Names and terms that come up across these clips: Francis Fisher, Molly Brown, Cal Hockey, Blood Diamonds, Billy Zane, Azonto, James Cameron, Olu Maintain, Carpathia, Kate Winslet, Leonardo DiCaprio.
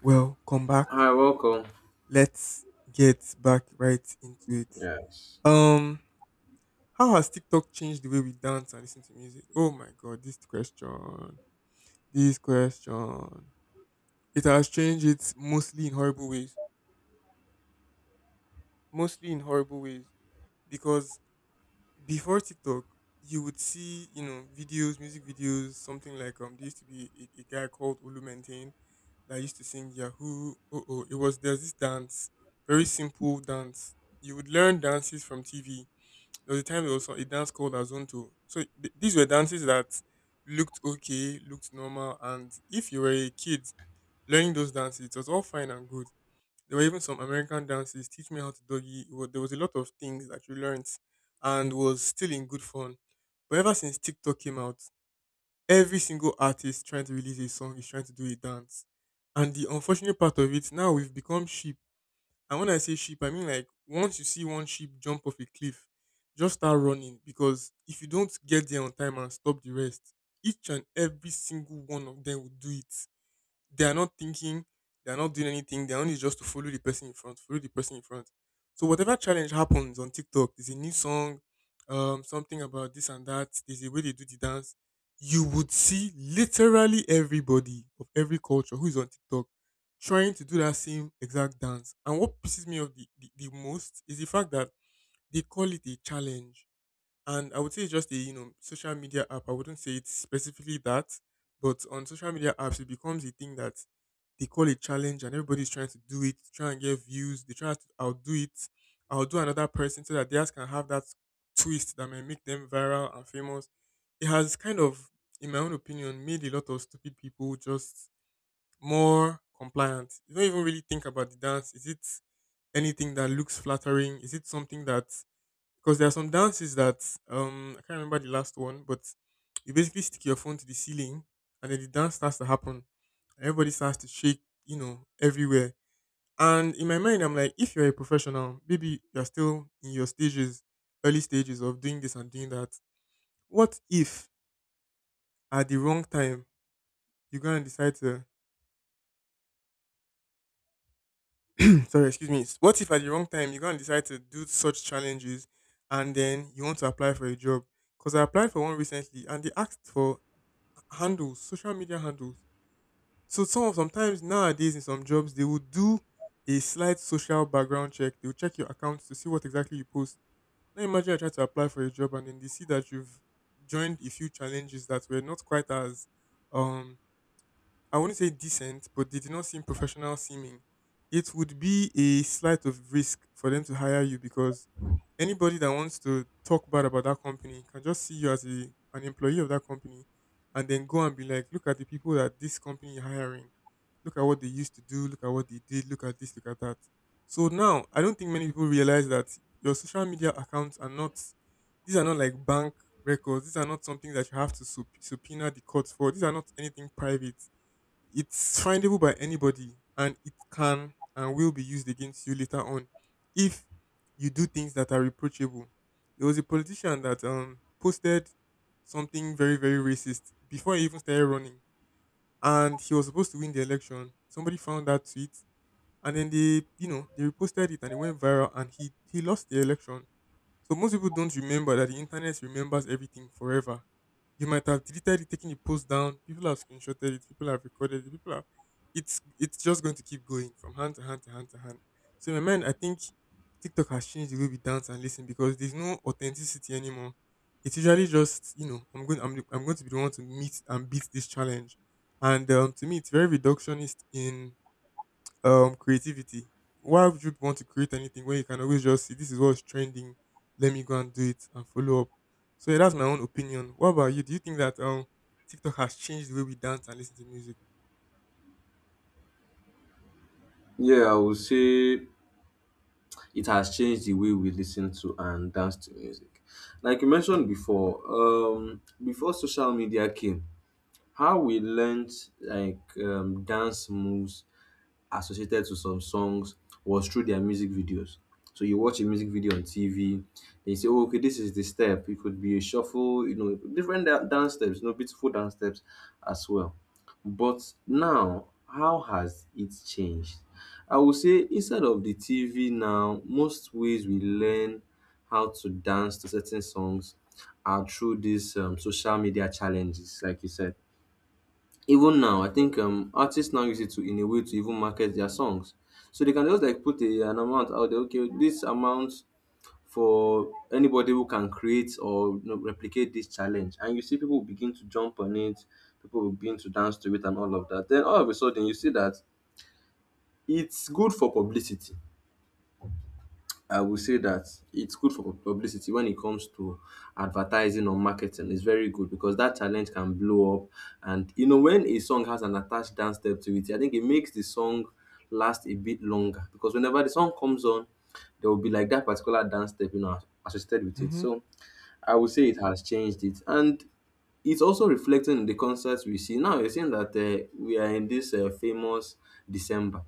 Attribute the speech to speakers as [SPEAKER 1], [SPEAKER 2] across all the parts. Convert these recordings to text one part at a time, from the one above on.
[SPEAKER 1] Well, come back.
[SPEAKER 2] Hi, welcome.
[SPEAKER 1] Let's get back right into it.
[SPEAKER 2] Yes.
[SPEAKER 1] Um, how has TikTok changed the way we dance and listen to music? Oh my god, this question. This question. It has changed it mostly in horrible ways. Mostly in horrible ways. Because before TikTok, you would see, videos, music videos, something like there used to be a guy called Olu Maintain that used to sing Yahoo. Oh, it was there's this dance, very simple dance. You would learn dances from TV. There was a time there was a dance called Azonto. So these were dances that looked okay, looked normal, and if you were a kid learning those dances, it was all fine and good. There were even some American dances, teach me how to doggy. There was a lot of things that you learnt and was still in good fun. But ever since TikTok came out, every single artist trying to release a song is trying to do a dance. And the unfortunate part of it, now we've become sheep. And when I say sheep, I mean, like, once you see one sheep jump off a cliff, just start running, because if you don't get there on time and stop the rest, each and every single one of them will do it. They are not thinking, they are not doing anything. Their own is just to follow the person in front, follow the person in front. So whatever challenge happens on TikTok, there's a new song, something about this and that. There's a way they do the dance. You would see literally everybody of every culture who is on TikTok trying to do that same exact dance. And what pisses me off the most is the fact that they call it a challenge, and I would say it's just a social media app. I wouldn't say it's specifically that, but on social media apps, it becomes a thing that they call a challenge, and everybody's trying to do it, try and get views. They try to outdo it, outdo another person, so that theirs can have that twist that may make them viral and famous. It has kind of, in my own opinion, made a lot of stupid people just more compliant. You don't even really think about the dance. Is it anything that looks flattering? Is it something that, because there are some dances that I can't remember the last one, but you basically stick your phone to the ceiling and then the dance starts to happen. Everybody starts to shake, you know, everywhere. And in my mind, I'm like, if you're a professional, maybe you're still in your stages, early stages of doing this and doing that. What if at the wrong time you're gonna decide to sorry, excuse me. What if at the wrong time you're gonna decide to do such challenges and then you want to apply for a job? Because I applied for one recently and they asked for handles, social media handles. So some of sometimes nowadays in some jobs they will do a slight social background check. They will check your accounts to see what exactly you post. Now imagine I try to apply for a job and then they see that you've joined a few challenges that were not quite as, um I wouldn't say decent, but they did not seem professional seeming. It would be a slight of risk for them to hire you because anybody that wants to talk bad about that company can just see you as an employee of that company and then go and be like, look at the people that this company is hiring. Look at what they used to do. Look at what they did. Look at this. Look at that. So now, I don't think many people realize that your social media accounts are not, these are not like bank records. These are not something that you have to subpoena the courts for. These are not anything private. It's findable by anybody and it can and will be used against you later on if you do things that are reproachable. There was a politician that posted something very, very racist before he even started running. And he was supposed to win the election. Somebody found that tweet and then they you know they reposted it and it went viral and he lost the election. So most people don't remember that the internet remembers everything forever. You might have deleted it, taken the post down. People have screenshotted it. People have recorded it. People are. It's just going to keep going from hand to hand to hand to hand. So in my mind, I think TikTok has changed the way we dance and listen because there's no authenticity anymore. It's usually just I'm going to be the one to meet and beat this challenge, and to me it's very reductionist in creativity. Why would you want to create anything when you can always just see this is what's trending? Let me go and do it and follow up. So yeah, that's my own opinion. What about you? Do you think that TikTok has changed the way we dance and listen to music?
[SPEAKER 2] Yeah, I would say it has changed the way we listen to and dance to music. Like you mentioned before, before social media came, how we learned dance moves associated to some songs was through their music videos. So you watch a music video on TV, and you say, "Oh, okay, this is the step." It could be a shuffle, you know, dance steps, you know, beautiful dance steps as well. But now, how has it changed? I would say instead of the TV now, most ways we learn how to dance to certain songs are through these social media challenges, like you said. Even now, I think artists now use it to in a way to even market their songs. So they can just like put a, an amount out there. Okay, this amount for anybody who can create or you know, replicate this challenge, and you see people begin to jump on it. People will begin to dance to it and all of that. Then all of a sudden, you see that it's good for publicity. I will say that it's good for publicity when it comes to advertising or marketing. It's very good because that challenge can blow up. And you know, when a song has an attached dance step to it, I think it makes the song last a bit longer because whenever the song comes on, there will be like that particular dance step, you know, associated with it.
[SPEAKER 1] Mm-hmm.
[SPEAKER 2] So I would say it has changed it. And it's also reflecting in the concerts we see now. You're seeing that we are in this famous December.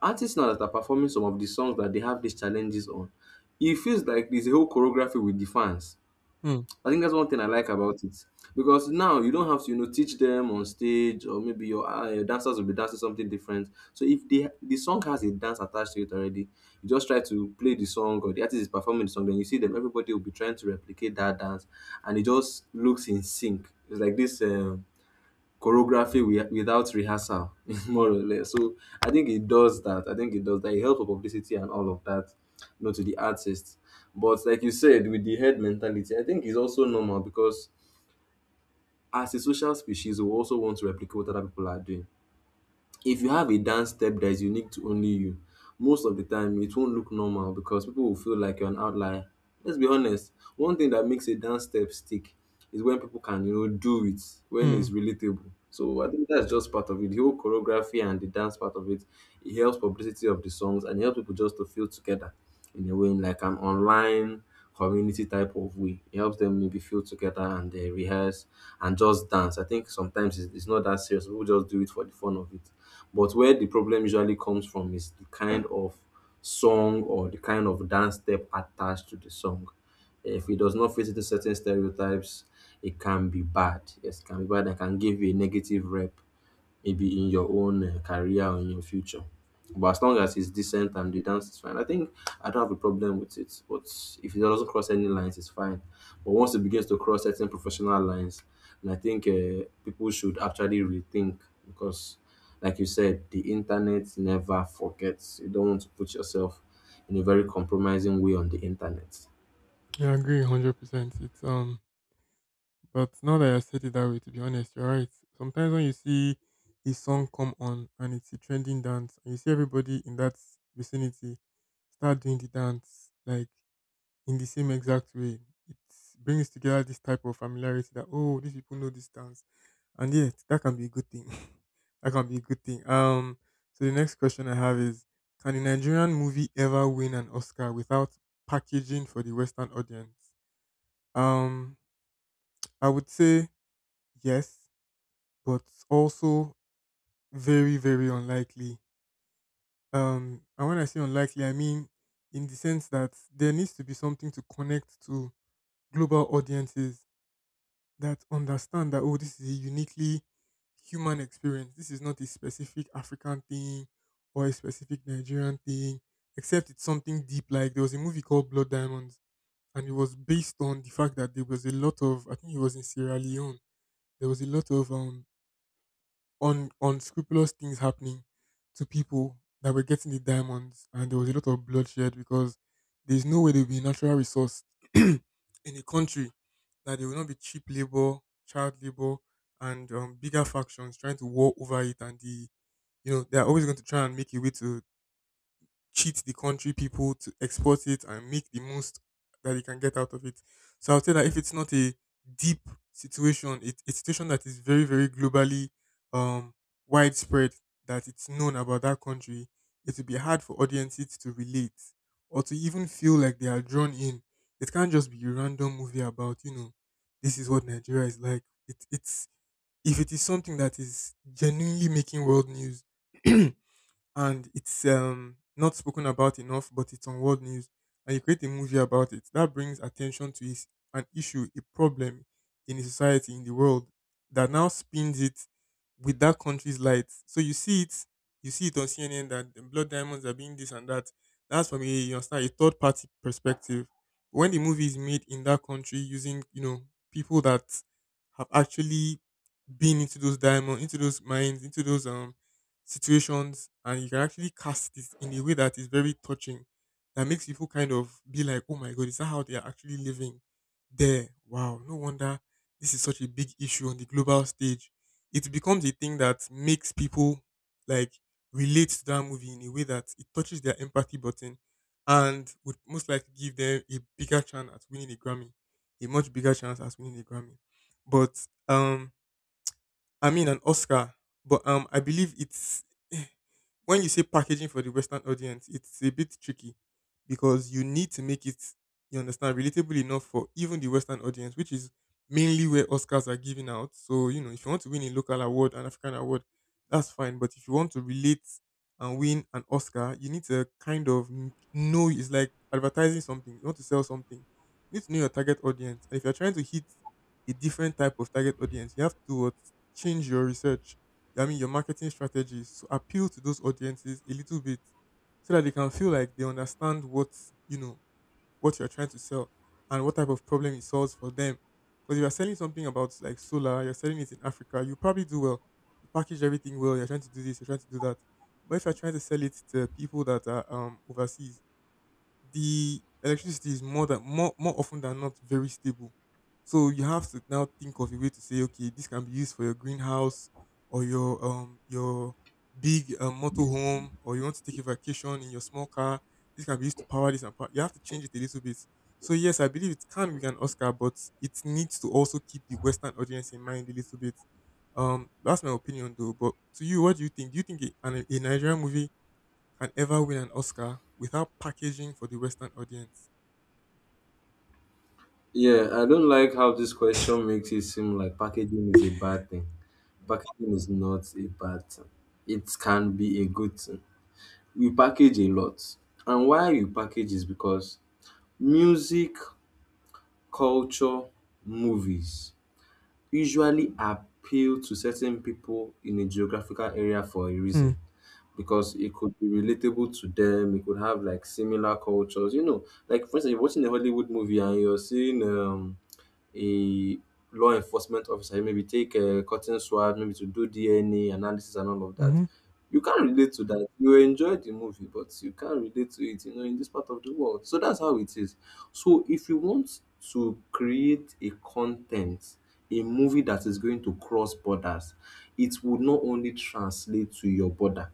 [SPEAKER 2] Artists now that are performing some of the songs that they have these challenges on, it feels like there's a whole choreography with the fans.
[SPEAKER 1] Hmm.
[SPEAKER 2] I think that's one thing I like about it because now you don't have to you know teach them on stage or maybe your dancers will be dancing something different. So if the song has a dance attached to it already, you just try to play the song or the artist is performing the song, then you see them everybody will be trying to replicate that dance, and it just looks in sync. It's like this. Without rehearsal, more or less. So I think it does that. I think it does that. It helps with publicity and all of that, you know, to the artist. But like you said, with the head mentality, I think it's also normal because as a social species, we also want to replicate what other people are doing. If you have a dance step that is unique to only you, most of the time it won't look normal because people will feel like you're an outlier. Let's be honest, one thing that makes a dance step stick is when people can, you know, do it, when
[SPEAKER 1] Hmm.
[SPEAKER 2] it's relatable. So I think that's just part of it. The whole choreography and the dance part of it, it helps publicity of the songs and it helps people just to feel together in a way, in like an online community type of way. It helps them maybe feel together and they rehearse and just dance. I think sometimes it's not that serious. People just do it for the fun of it. But where the problem usually comes from is the kind of song or the kind of dance step attached to the song. If it does not fit into certain stereotypes, it can be bad. Yes, it can be bad and can give you a negative rep maybe in your own career or in your future. But as long as it's decent and the dance is fine, I think I don't have a problem with it. But if it doesn't cross any lines, it's fine. But once it begins to cross certain professional lines, and I think people should actually rethink because, like you said, the internet never forgets. You don't want to put yourself in a very compromising way on the internet.
[SPEAKER 1] Yeah, I agree 100%. It's but now that I said it that way, to be honest, you're right. Sometimes when you see a song come on and it's a trending dance and you see everybody in that vicinity start doing the dance, like in the same exact way. It brings together this type of familiarity that, oh, these people know this dance, and yet that can be a good thing. That can be a good thing. So the next question I have is: can a Nigerian movie ever win an Oscar without packaging for the Western audience? Um, I would say yes, but also very, very unlikely. And when I say unlikely, I mean in the sense that there needs to be something to connect to global audiences that understand that, oh, this is a uniquely human experience. This is not a specific African thing or a specific Nigerian thing, except it's something deep. Like, there was a movie called Blood Diamonds, and it was based on the fact that there was a lot of, I think it was in Sierra Leone. There was a lot of unscrupulous things happening to people that were getting the diamonds, and there was a lot of bloodshed because there's no way they'll be a natural resource in a country that there will not be cheap labor, child labor, and bigger factions trying to war over it. And they are always going to try and make a way to cheat the country people to export it and make the most that they can get out of it. So I would say that if it's not a deep situation, it, a situation that is very, very globally um, widespread, that it's known about that country, it will be hard for audiences to relate or to even feel like they are drawn in. It can't just be a random movie about, this is what Nigeria is like. It, it's if it is something that is genuinely making world news and it's not spoken about enough, but it's on world news, and you create a movie about it. That brings attention to is an issue, a problem in a society in the world that now spins it with that country's lights. So you see it on CNN that the blood diamonds are being this and that. That's from a, you understand, a third party perspective. But when the movie is made in that country using people that have actually been into those diamonds, into those mines, into those situations, and you can actually cast it in a way that is very touching that makes people kind of be like, oh my god, is that how they are actually living there? Wow. No wonder this is such a big issue on the global stage. It becomes a thing that makes people, like, relate to that movie in a way that it touches their empathy button and would most likely give them a bigger chance at winning a Grammy. A much bigger chance at winning a Grammy. But I mean, an Oscar. But I believe it's, when you say packaging for the Western audience, it's a bit tricky because you need to make it, you understand, relatable enough for even the Western audience, which is mainly where Oscars are given out. So, you know, if you want to win a local award, an African award, that's fine. But if you want to relate and win an Oscar, you need to kind of know it's like advertising something. You want to sell something. You need to know your target audience. And if you're trying to hit a different type of target audience, you have to change your your marketing strategies to appeal to those audiences a little bit so that they can feel like they understand what, you know, what you're trying to sell and what type of problem it solves for them. Because if you're selling something about like solar, you're selling it in Africa, you probably do well. You package everything well, you're trying to do this, you're trying to do that. But if you're trying to sell it to people that are overseas, the electricity is more often than not very stable. So you have to now think of a way to say, okay, this can be used for your greenhouse or your big motorhome, or you want to take a vacation in your small car. This can be used to power this and power. You have to change it a little bit. So yes, I believe it can win an Oscar, but it needs to also keep the Western audience in mind a little bit. That's my opinion though. But to you, what do you think? Do you think a Nigerian movie can ever win an Oscar without packaging for the Western audience.
[SPEAKER 2] Yeah, I don't like how this question makes it seem like packaging is a bad thing. Packaging is not a bad thing. It can be a good thing. We package a lot. And why we package is because music, culture, movies usually appeal to certain people in a geographical area for a reason.
[SPEAKER 1] Hmm.
[SPEAKER 2] Because it could be relatable to them, it could have like similar cultures, you know. Like for instance, you're watching a Hollywood movie and you're seeing a law enforcement officer maybe take a cotton swab maybe to do DNA analysis and all of that.
[SPEAKER 1] Mm-hmm.
[SPEAKER 2] You can't relate to that. You enjoy the movie, but you can't relate to it, you know, in this part of the world. So that's how it is. So if you want to create a content, a movie that is going to cross borders, it would not only translate to your border.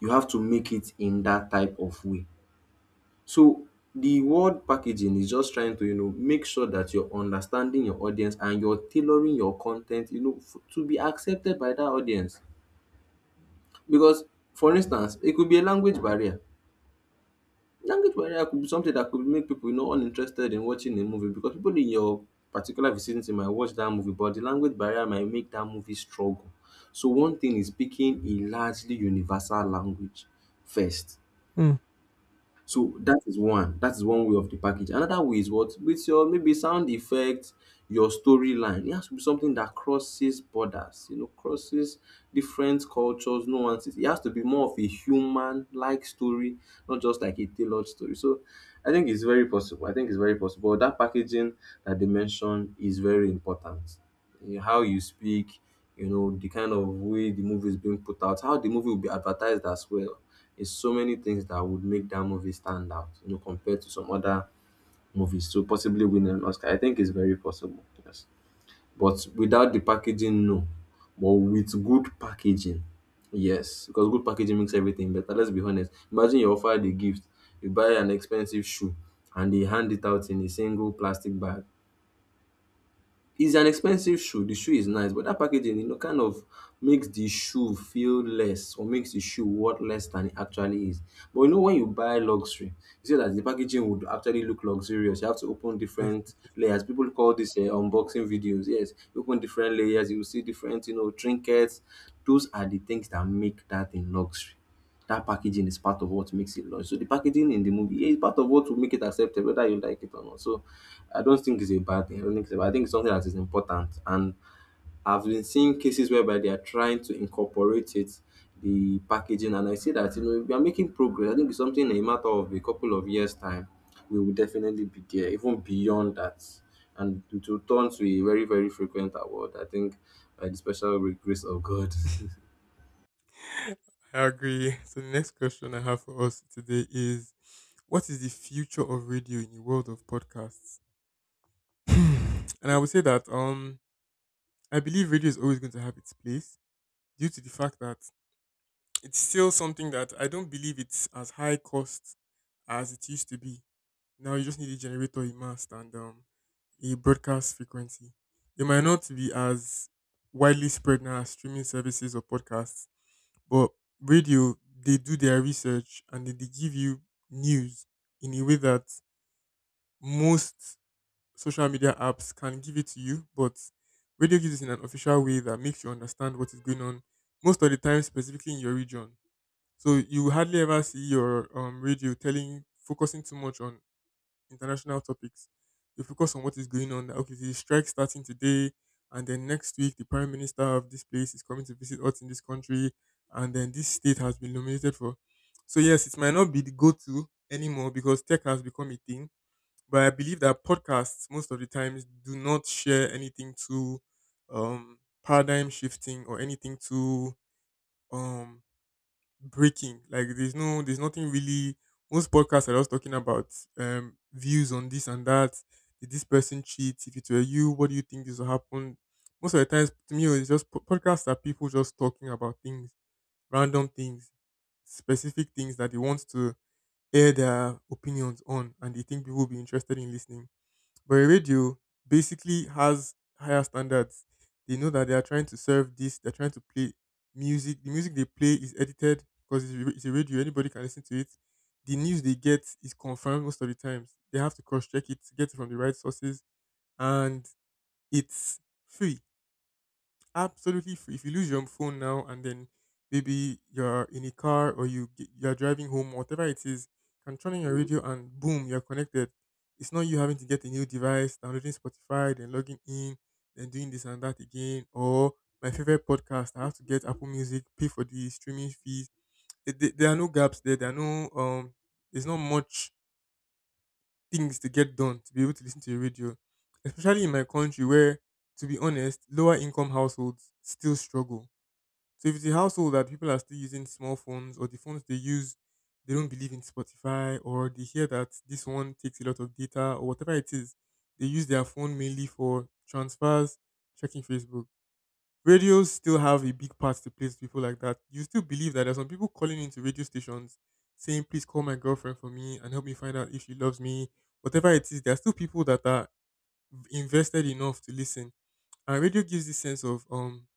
[SPEAKER 2] You have to make it in that type of way. So the word packaging is just trying to you know make sure that you're understanding your audience and you're tailoring your content you know to be accepted by that audience because for instance it could be a language barrier, language barrier could be something that could make people you know uninterested in watching a movie because people in your particular vicinity might watch that movie but the language barrier might make that movie struggle. So one thing is picking a largely universal language first.
[SPEAKER 1] Hmm.
[SPEAKER 2] So that is one. That is one way of the package. Another way is what with your maybe sound effects, your storyline. It has to be something that crosses borders, you know, crosses different cultures, nuances. It has to be more of a human-like story, not just like a tailored story. So I think it's very possible. I think it's very possible. That packaging that they mentioned is very important. How you speak, you know, the kind of way the movie is being put out, how the movie will be advertised as well. It's so many things that would make that movie stand out, you know, compared to some other movies to possibly win an Oscar. I think it's very possible. Yes. But without the packaging, no. But with good packaging, yes. Because good packaging makes everything better. Let's be honest. Imagine you're offered a gift, you buy an expensive shoe, and they hand it out in a single plastic bag. It's an expensive shoe. The shoe is nice, but that packaging, you know, kind of makes the shoe feel less or makes the shoe worth less than it actually is. But you know, when you buy luxury, you see that the packaging would actually look luxurious. You have to open different
[SPEAKER 1] Definitely.
[SPEAKER 2] layers. People call this unboxing videos. Yes, you open different layers, you will see different, you know, trinkets. Those are the things that make that in luxury that packaging is part of what makes it launch. So the packaging in the movie is part of what will make it accepted, whether you like it or not. So I don't think it's a bad thing. I don't think it's a bad. I think it's something that is important. And I've been seeing cases whereby they are trying to incorporate it, the packaging, and I see that you know we are making progress. I think it's something in a matter of a couple of years' time, we will definitely be there, even beyond that, and it will turn to a very very frequent award. I think by the special grace of God.
[SPEAKER 1] I agree. So the next question I have for us today is what is the future of radio in the world of podcasts? And I would say that I believe radio is always going to have its place due to the fact that it's still something that I don't believe it's as high cost as it used to be. Now you just need a generator, a mast, and a broadcast frequency. It might not be as widely spread now as streaming services or podcasts, but radio, they do their research and then they give you news in a way that most social media apps can give it to you, but radio gives it in an official way that makes you understand what is going on most of the time, specifically in your region. So you hardly ever see your radio telling, focusing too much on international topics. They focus on what is going on. That, okay, the strike starting today, and then next week the prime minister of this place is coming to visit us in this country, and then this state has been nominated for. So yes, it might not be the go-to anymore because tech has become a thing. But I believe that podcasts most of the times do not share anything too paradigm shifting or anything too um, breaking. Like there's nothing really most podcasts are just talking about views on this and that. Did this person cheat? If it were you, what do you think this will happen? Most of the times to me it's just podcasts are people just talking about things, random things, specific things that they want to air their opinions on and they think people will be interested in listening. But a radio basically has higher standards. They know that they are trying to serve this, they're trying to play music. The music they play is edited because it's a radio, anybody can listen to it. The news they get is confirmed most of the times. They have to cross check it, get it from the right sources, and it's free, absolutely free. If you lose your phone now and then maybe you're in a car or you're driving home, whatever it is, you can turn on your radio and boom, you're connected. It's not you having to get a new device, downloading Spotify, then logging in, then doing this and that again. Or my favorite podcast, I have to get Apple Music, pay for the streaming fees. There are no gaps there. There are no there's not much things to get done to be able to listen to your radio, especially in my country where, to be honest, lower income households still struggle. So if it's a household that people are still using small phones or the phones they use, they don't believe in Spotify or they hear that this one takes a lot of data or whatever it is, they use their phone mainly for transfers, checking Facebook. Radios still have a big part to play to people like that. You still believe that there's some people calling into radio stations saying, please call my girlfriend for me and help me find out if she loves me. Whatever it is, there are still people that are invested enough to listen. And radio gives this sense of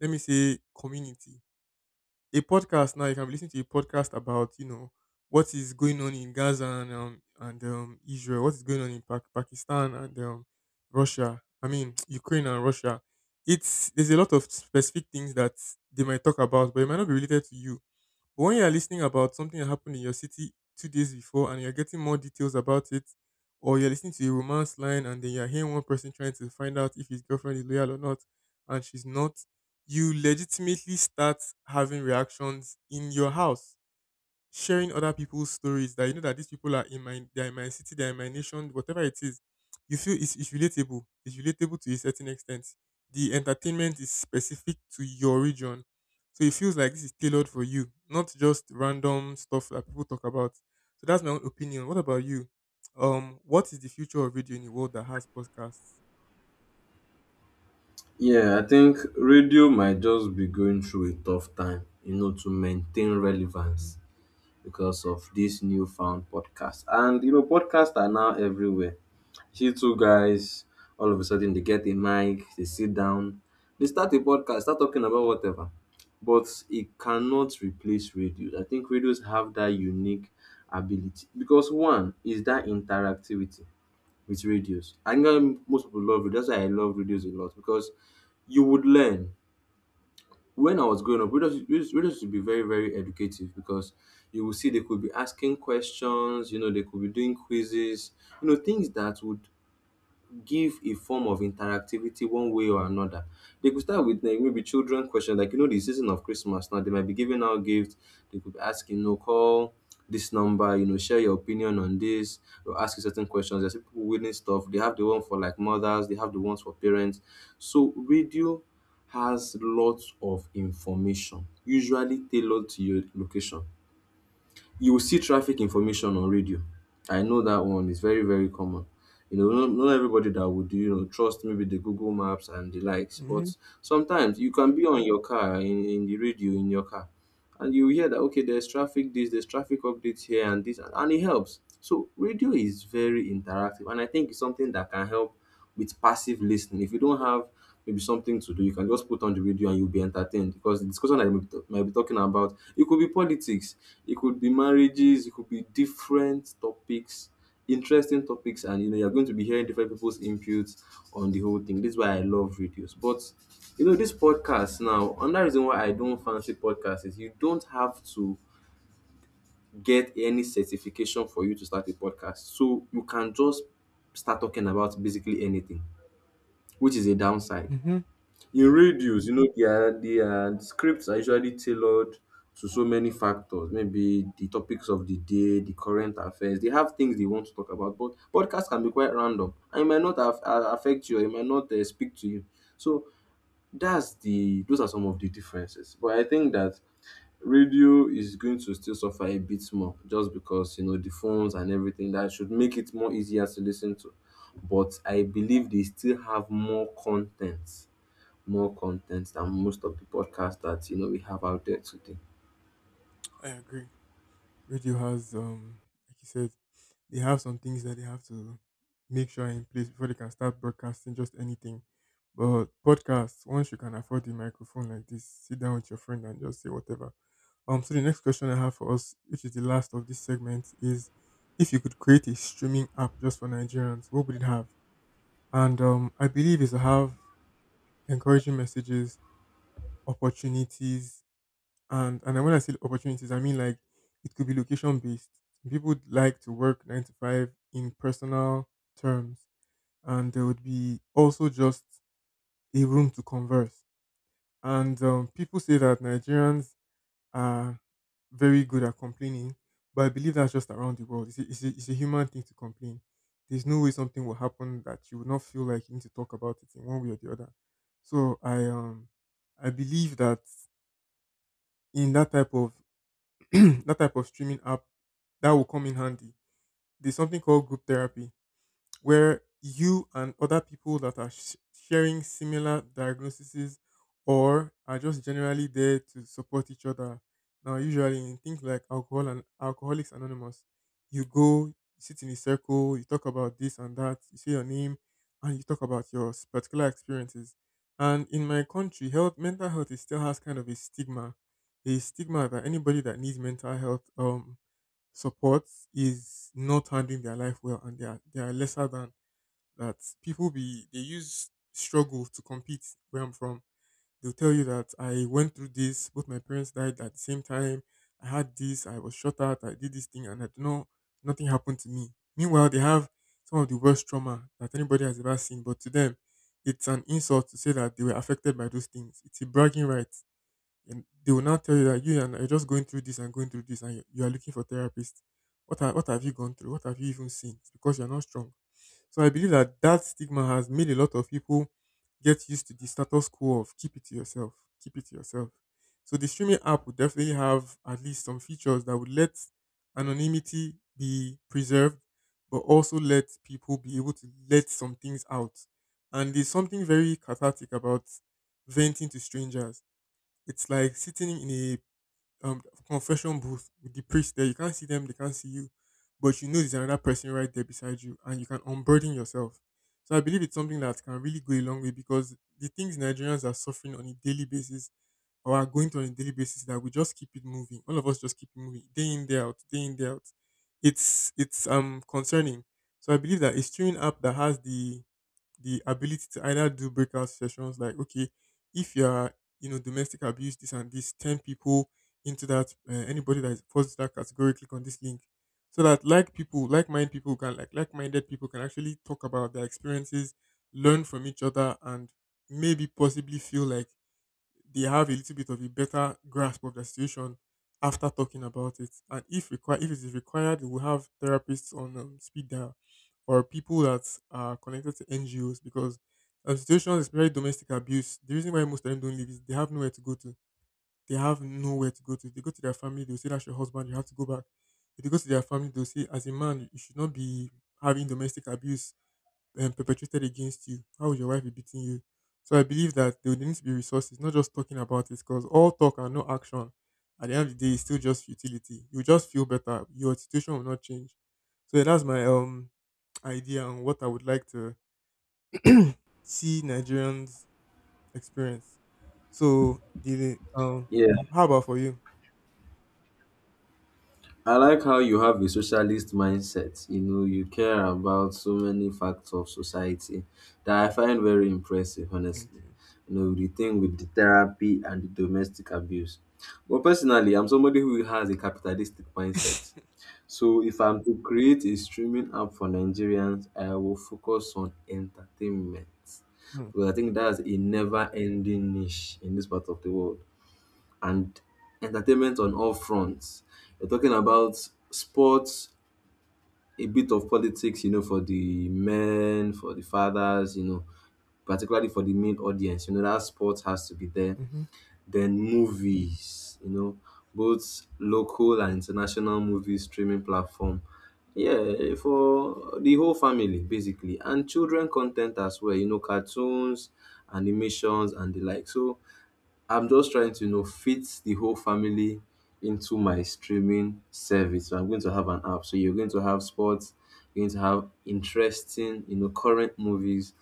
[SPEAKER 1] let me say community. A podcast now. You can be listening to a podcast about you know what is going on in Gaza and Israel, what is going on in Pakistan and Russia. I mean Ukraine and Russia. It's there's a lot of specific things that they might talk about, but it might not be related to you. But when you're listening about something that happened in your city 2 days before and you're getting more details about it, or you're listening to a romance line and then you're hearing one person trying to find out if his girlfriend is loyal or not, and she's not, you legitimately start having reactions in your house sharing other people's stories that you know that these people are in my they're in my city, they're in my nation, whatever it is, you feel it's relatable. It's relatable to a certain extent. The entertainment is specific to your region. So it feels like this is tailored for you, not just random stuff that people talk about. So that's my own opinion. What about you? What is the future of radio in a world that has podcasts?
[SPEAKER 2] Yeah, I think radio might just be going through a tough time, you know, to maintain
[SPEAKER 1] Hmm.
[SPEAKER 2] relevance because of this newfound podcast. And you know, podcasts are now everywhere. See two guys, all of a sudden they get a mic, they sit down, they start a podcast, start talking about whatever. But it cannot replace radio. I think radios have that unique ability because one is that interactivity with radios. I think most people love radios. That's why I love radios a lot because you would learn. When I was growing up, radios would be very, very educative because you will see they could be asking questions, you know, they could be doing quizzes, you know, things that would give a form of interactivity one way or another. They could start with like maybe children question, like you know, the season of Christmas now, they might be giving out gifts, they could be asking, you know, call this number, you know, share your opinion on this, or ask you certain questions. There's people winning stuff. They have the one for like mothers, they have the ones for parents. So radio has lots of information, usually tailored to your location. You will see traffic information on radio. I know that one is very, very common. You know, not everybody that would, you know, trust maybe the Google Maps and the likes,
[SPEAKER 1] Mm-hmm.
[SPEAKER 2] but sometimes you can be on your car in the radio in your car and you hear that, okay, there's traffic this, there's traffic updates here and this, and it helps. So radio is very interactive and I think it's something that can help with passive listening. If you don't have maybe something to do, you can just put on the radio and you'll be entertained, because the discussion I might be talking about, it could be politics, it could be marriages, it could be different topics, interesting topics, and you know you're going to be hearing different people's inputs on the whole thing. This is why I love radios. But you know, this podcast now, another reason why I don't fancy podcasts is you don't have to get any certification for you to start a podcast. So you can just start talking about basically anything, which is a downside.
[SPEAKER 1] Mm-hmm.
[SPEAKER 2] In radios, you know, their scripts are usually tailored to so many factors, maybe the topics of the day, the current affairs, they have things they want to talk about. But podcast can be quite random and it might not affect you, or it might not speak to you. So that's the those are some of the differences. But I think that radio is going to still suffer a bit more, just because, you know, the phones and everything that should make it more easier to listen to. But I believe they still have more content, more content than most of the podcasts that, you know, we have out there today.
[SPEAKER 1] I agree. Radio has like you said they have some things that they have to make sure are in place before they can start broadcasting just anything, but podcasts once you can afford the microphone like this sit down with your friend and just say whatever. So the next question I have for us, which is the last of this segment, is if you could create a streaming app just for Nigerians, what would it have? And I believe it's to have encouraging messages, opportunities, and when I say opportunities, I mean like it could be location based. People would like to work 9 to 5 in personal terms, and there would be also just a room to converse. And people say that Nigerians are very good at complaining, but I believe that's just around the world. It's a human thing to complain. There's no way something will happen that you will not feel like you need to talk about it in one way or the other. So I believe that in that type of that type of streaming app that will come in handy. There's something called group therapy where you and other people that are sharing similar diagnoses or are just generally there to support each other. Now, usually in things like alcohol and Alcoholics Anonymous, you go, you sit in a circle, you talk about this and that, you say your name, and you talk about your particular experiences. And in my country, health, mental health, is still has kind of a stigma that anybody that needs mental health support is not handling their life well and they are lesser than that people be they use struggle to compete where I'm from. They'll tell you that I went through this, both my parents died at the same time, I had this, I was shot at, I did this thing and I don't know, nothing happened to me. Meanwhile, they have some of the worst trauma that anybody has ever seen, but to them it's an insult to say that they were affected by those things. It's a bragging right. And they will now tell you that you and I are just going through this and going through this and you are looking for therapists. What, are, what have you gone through? What have you even seen? It's because you're not strong. So I believe that that stigma has made a lot of people get used to the status quo of keep it to yourself, keep it to yourself. So the streaming app would definitely have at least some features that would let anonymity be preserved, but also let people be able to let some things out. And there's something very cathartic about venting to strangers. It's like sitting in a um confession booth with the priest there. You can't see them, they can't see you, but you know there's another person right there beside you, and you can unburden yourself. So I believe it's something that can really go a long way because the things Nigerians are suffering on a daily basis or are going through on a daily basis that we just keep it moving. All of us just keep it moving day in, day out, day in, day out. It's concerning. So I believe that a streaming app that has the ability to either do breakout sessions like okay, if you are, you know, domestic abuse this and this 10 people into that, anybody that is falls to that category, click on this link so that like people like minded people can like minded people can actually talk about their experiences, learn from each other, and maybe possibly feel like they have a little bit of a better grasp of the situation after talking about it. And if required, if it is required, we have therapists on speed dial, or people that are connected to NGOs because, situations, especially domestic abuse, the reason why most of them don't leave is they have nowhere to go to. They have nowhere to go to. If they go to their family, they'll say, "That's your husband, you have to go back." If they go to their family, they'll say, "As a man, you should not be having domestic abuse perpetrated against you. How would your wife be beating you?" So I believe that there would need to be resources, not just talking about it, because all talk and no action at the end of the day is still just futility. You just feel better. Your situation will not change. So yeah, that's my idea on what I would like to see Nigerians experience. So
[SPEAKER 2] Yeah,
[SPEAKER 1] how about for you?
[SPEAKER 2] I like how you have a socialist mindset. You know, you care about so many facts of society that I find very impressive,
[SPEAKER 1] Thank
[SPEAKER 2] honestly.
[SPEAKER 1] you.
[SPEAKER 2] You know, the thing with the therapy and the domestic abuse. But personally, I'm somebody who has a capitalistic mindset. So if I'm to create a streaming app for Nigerians, I will focus on entertainment. Because I think that's a never ending niche in this part of the world. And entertainment on all fronts. You're talking about sports, a bit of politics, you know, for the men, for the fathers, you know, particularly for the main audience. You know, that sports has to be there.
[SPEAKER 1] Mm-hmm.
[SPEAKER 2] Then movies, you know, both local and international movie streaming platform. Yeah, for the whole family basically, and children content as well, you know, cartoons, animations and the like. So I'm just trying to, you know, fit the whole family into my streaming service. So I'm going to have an app. So you're going to have sports, you're going to have interesting, you know, current movies,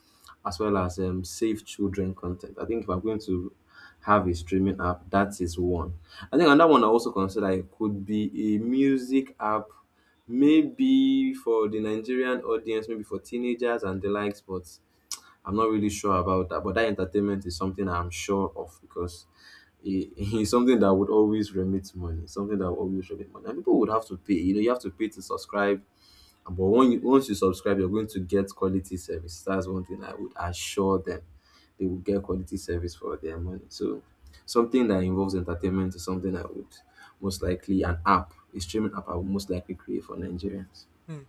[SPEAKER 2] as well as safe children content. I think if I'm going to have a streaming app, that is one. I think another one I also consider, it could be a music app, maybe for the Nigerian audience, maybe for teenagers and the likes, but I'm not really sure about that. But that entertainment is something I'm sure of, because it, it's something that would always remit money, something that would always remit money. And people would have to pay. You know, you have to pay to subscribe. But when you, once you subscribe, you're going to get quality service. That's one thing I would assure them. They will get quality service for their money. So something that involves entertainment is something I would most likely, an app, a streaming app I would most likely create for Nigerians.
[SPEAKER 1] Hmm,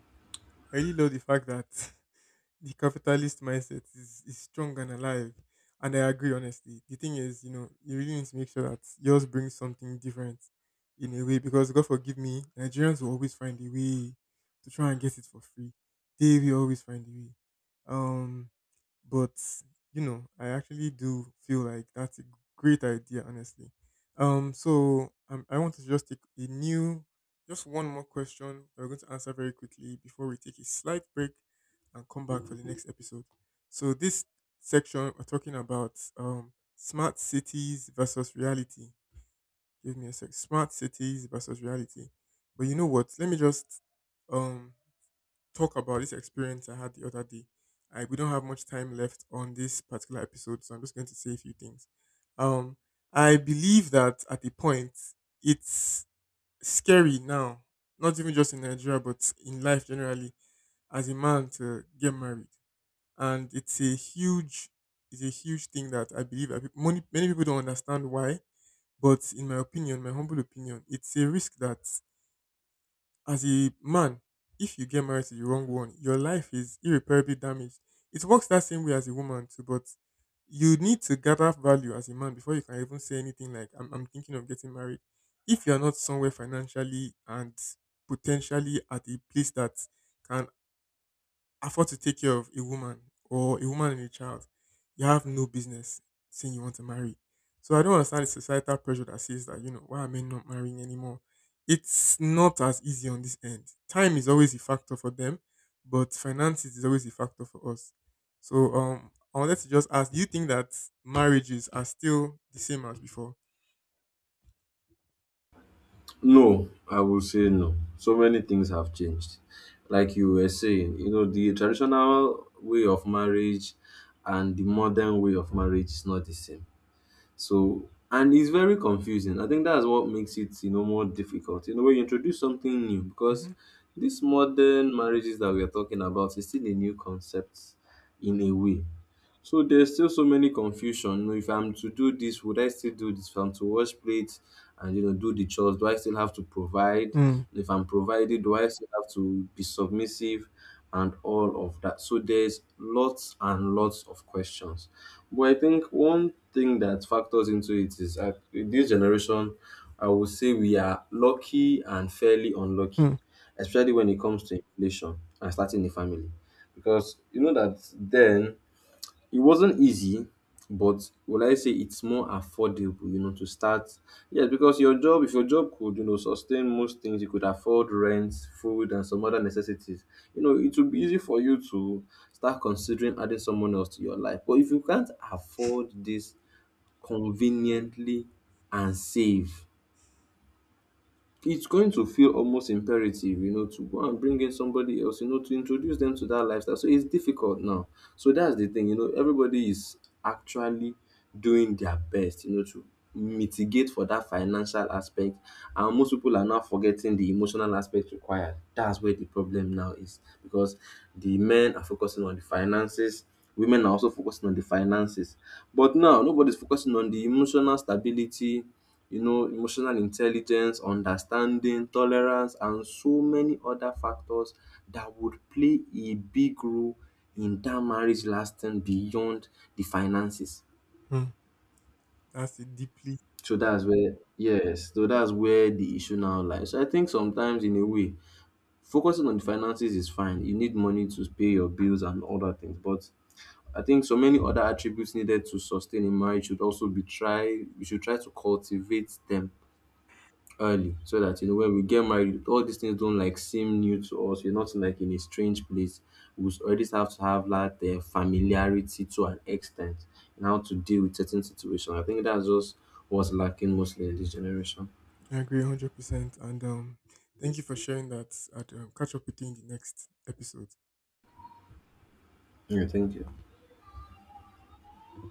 [SPEAKER 1] I really love the fact that the capitalist mindset is strong and alive. And I agree, honestly. The thing is, you know, you really need to make sure that yours brings something different in a way because, God forgive me, Nigerians will always find a way to try and get it for free. They will always find a way. Um, but you know, I actually do feel like that's a great idea, honestly. I want to just just one more question that we're going to answer very quickly before we take a slight break and come back for the next episode. So this section we're talking about smart cities versus reality. Give me a sec. Smart cities versus reality. But you know what? Let me just um talk about this experience I had the other day. We don't have much time left on this particular episode, so I'm just going to say a few things. Um, I believe that at a point, it's scary now, not even just in Nigeria, but in life generally, as a man to get married, and it's a huge thing that I believe that many people don't understand why. But in my opinion, my humble opinion, it's a risk that, as a man, if you get married to the wrong one, your life is irreparably damaged. It works that same way as a woman too, but you need to gather value as a man before you can even say anything like I'm thinking of getting married. If you're not somewhere financially and potentially at a place that can afford to take care of a woman, or a woman and a child, you have no business saying you want to marry. So I don't understand the societal pressure that says that, you know, why are men not marrying anymore? It's not as easy on this end. Time is always a factor for them, but finances is always a factor for us. So I wanted to just ask, do you think that marriages are still the same as before?
[SPEAKER 2] No, I would say no. So many things have changed. Like you were saying, you know, the traditional way of marriage and the modern way of marriage is not the same. So, and it's very confusing. I think that's what makes it, you know, more difficult. You know, when you introduce something new,
[SPEAKER 1] Mm-hmm.
[SPEAKER 2] because these modern marriages that we are talking about is still a new concept in a way. So there's still so many confusion. You know, if I'm to do this, would I still do this? If I'm to wash plates and, you know, do the chores, do I still have to provide?
[SPEAKER 1] Mm-hmm.
[SPEAKER 2] If I'm provided, do I still have to be submissive and all of that? So there's lots and lots of questions. But I think one thing that factors into it is, in this generation, I would say we are lucky and fairly unlucky, especially when it comes to inflation and starting a family. Because you know that then it wasn't easy, but would I say it's more affordable, you know, to start? Yes, because your job, if your job could, you know, sustain most things, you could afford rent, food, and some other necessities. You know, it would be easy for you to start considering adding someone else to your life. But if you can't afford this conveniently and save, it's going to feel almost imperative, you know, to go and bring in somebody else, you know, to introduce them to that lifestyle. So it's difficult now. So that's the thing, you know, everybody is actually doing their best, you know, to mitigate for that financial aspect. And most people are now forgetting the emotional aspect required. That's where the problem now is, because the men are focusing on the finances. Women are also focusing on the finances. But now nobody's focusing on the emotional stability, you know, emotional intelligence, understanding, tolerance, and so many other factors that would play a big role in that marriage lasting beyond the finances.
[SPEAKER 1] That's a deeply,
[SPEAKER 2] So that's where, yes, so that's where the issue now lies. So I think sometimes, in a way, focusing on the finances is fine. You need money to pay your bills and other things, but I think so many other attributes needed to sustain a marriage should also be try. We should try to cultivate them early, so that, you know, when we get married all these things don't like seem new to us, we're not like in a strange place, we already have to have that familiarity to an extent and how to deal with certain situations. I think that's just what's lacking mostly in this generation.
[SPEAKER 1] I agree 100%. And thank you for sharing that. I'd, catch up with you in the next episode.
[SPEAKER 2] Yeah, thank you.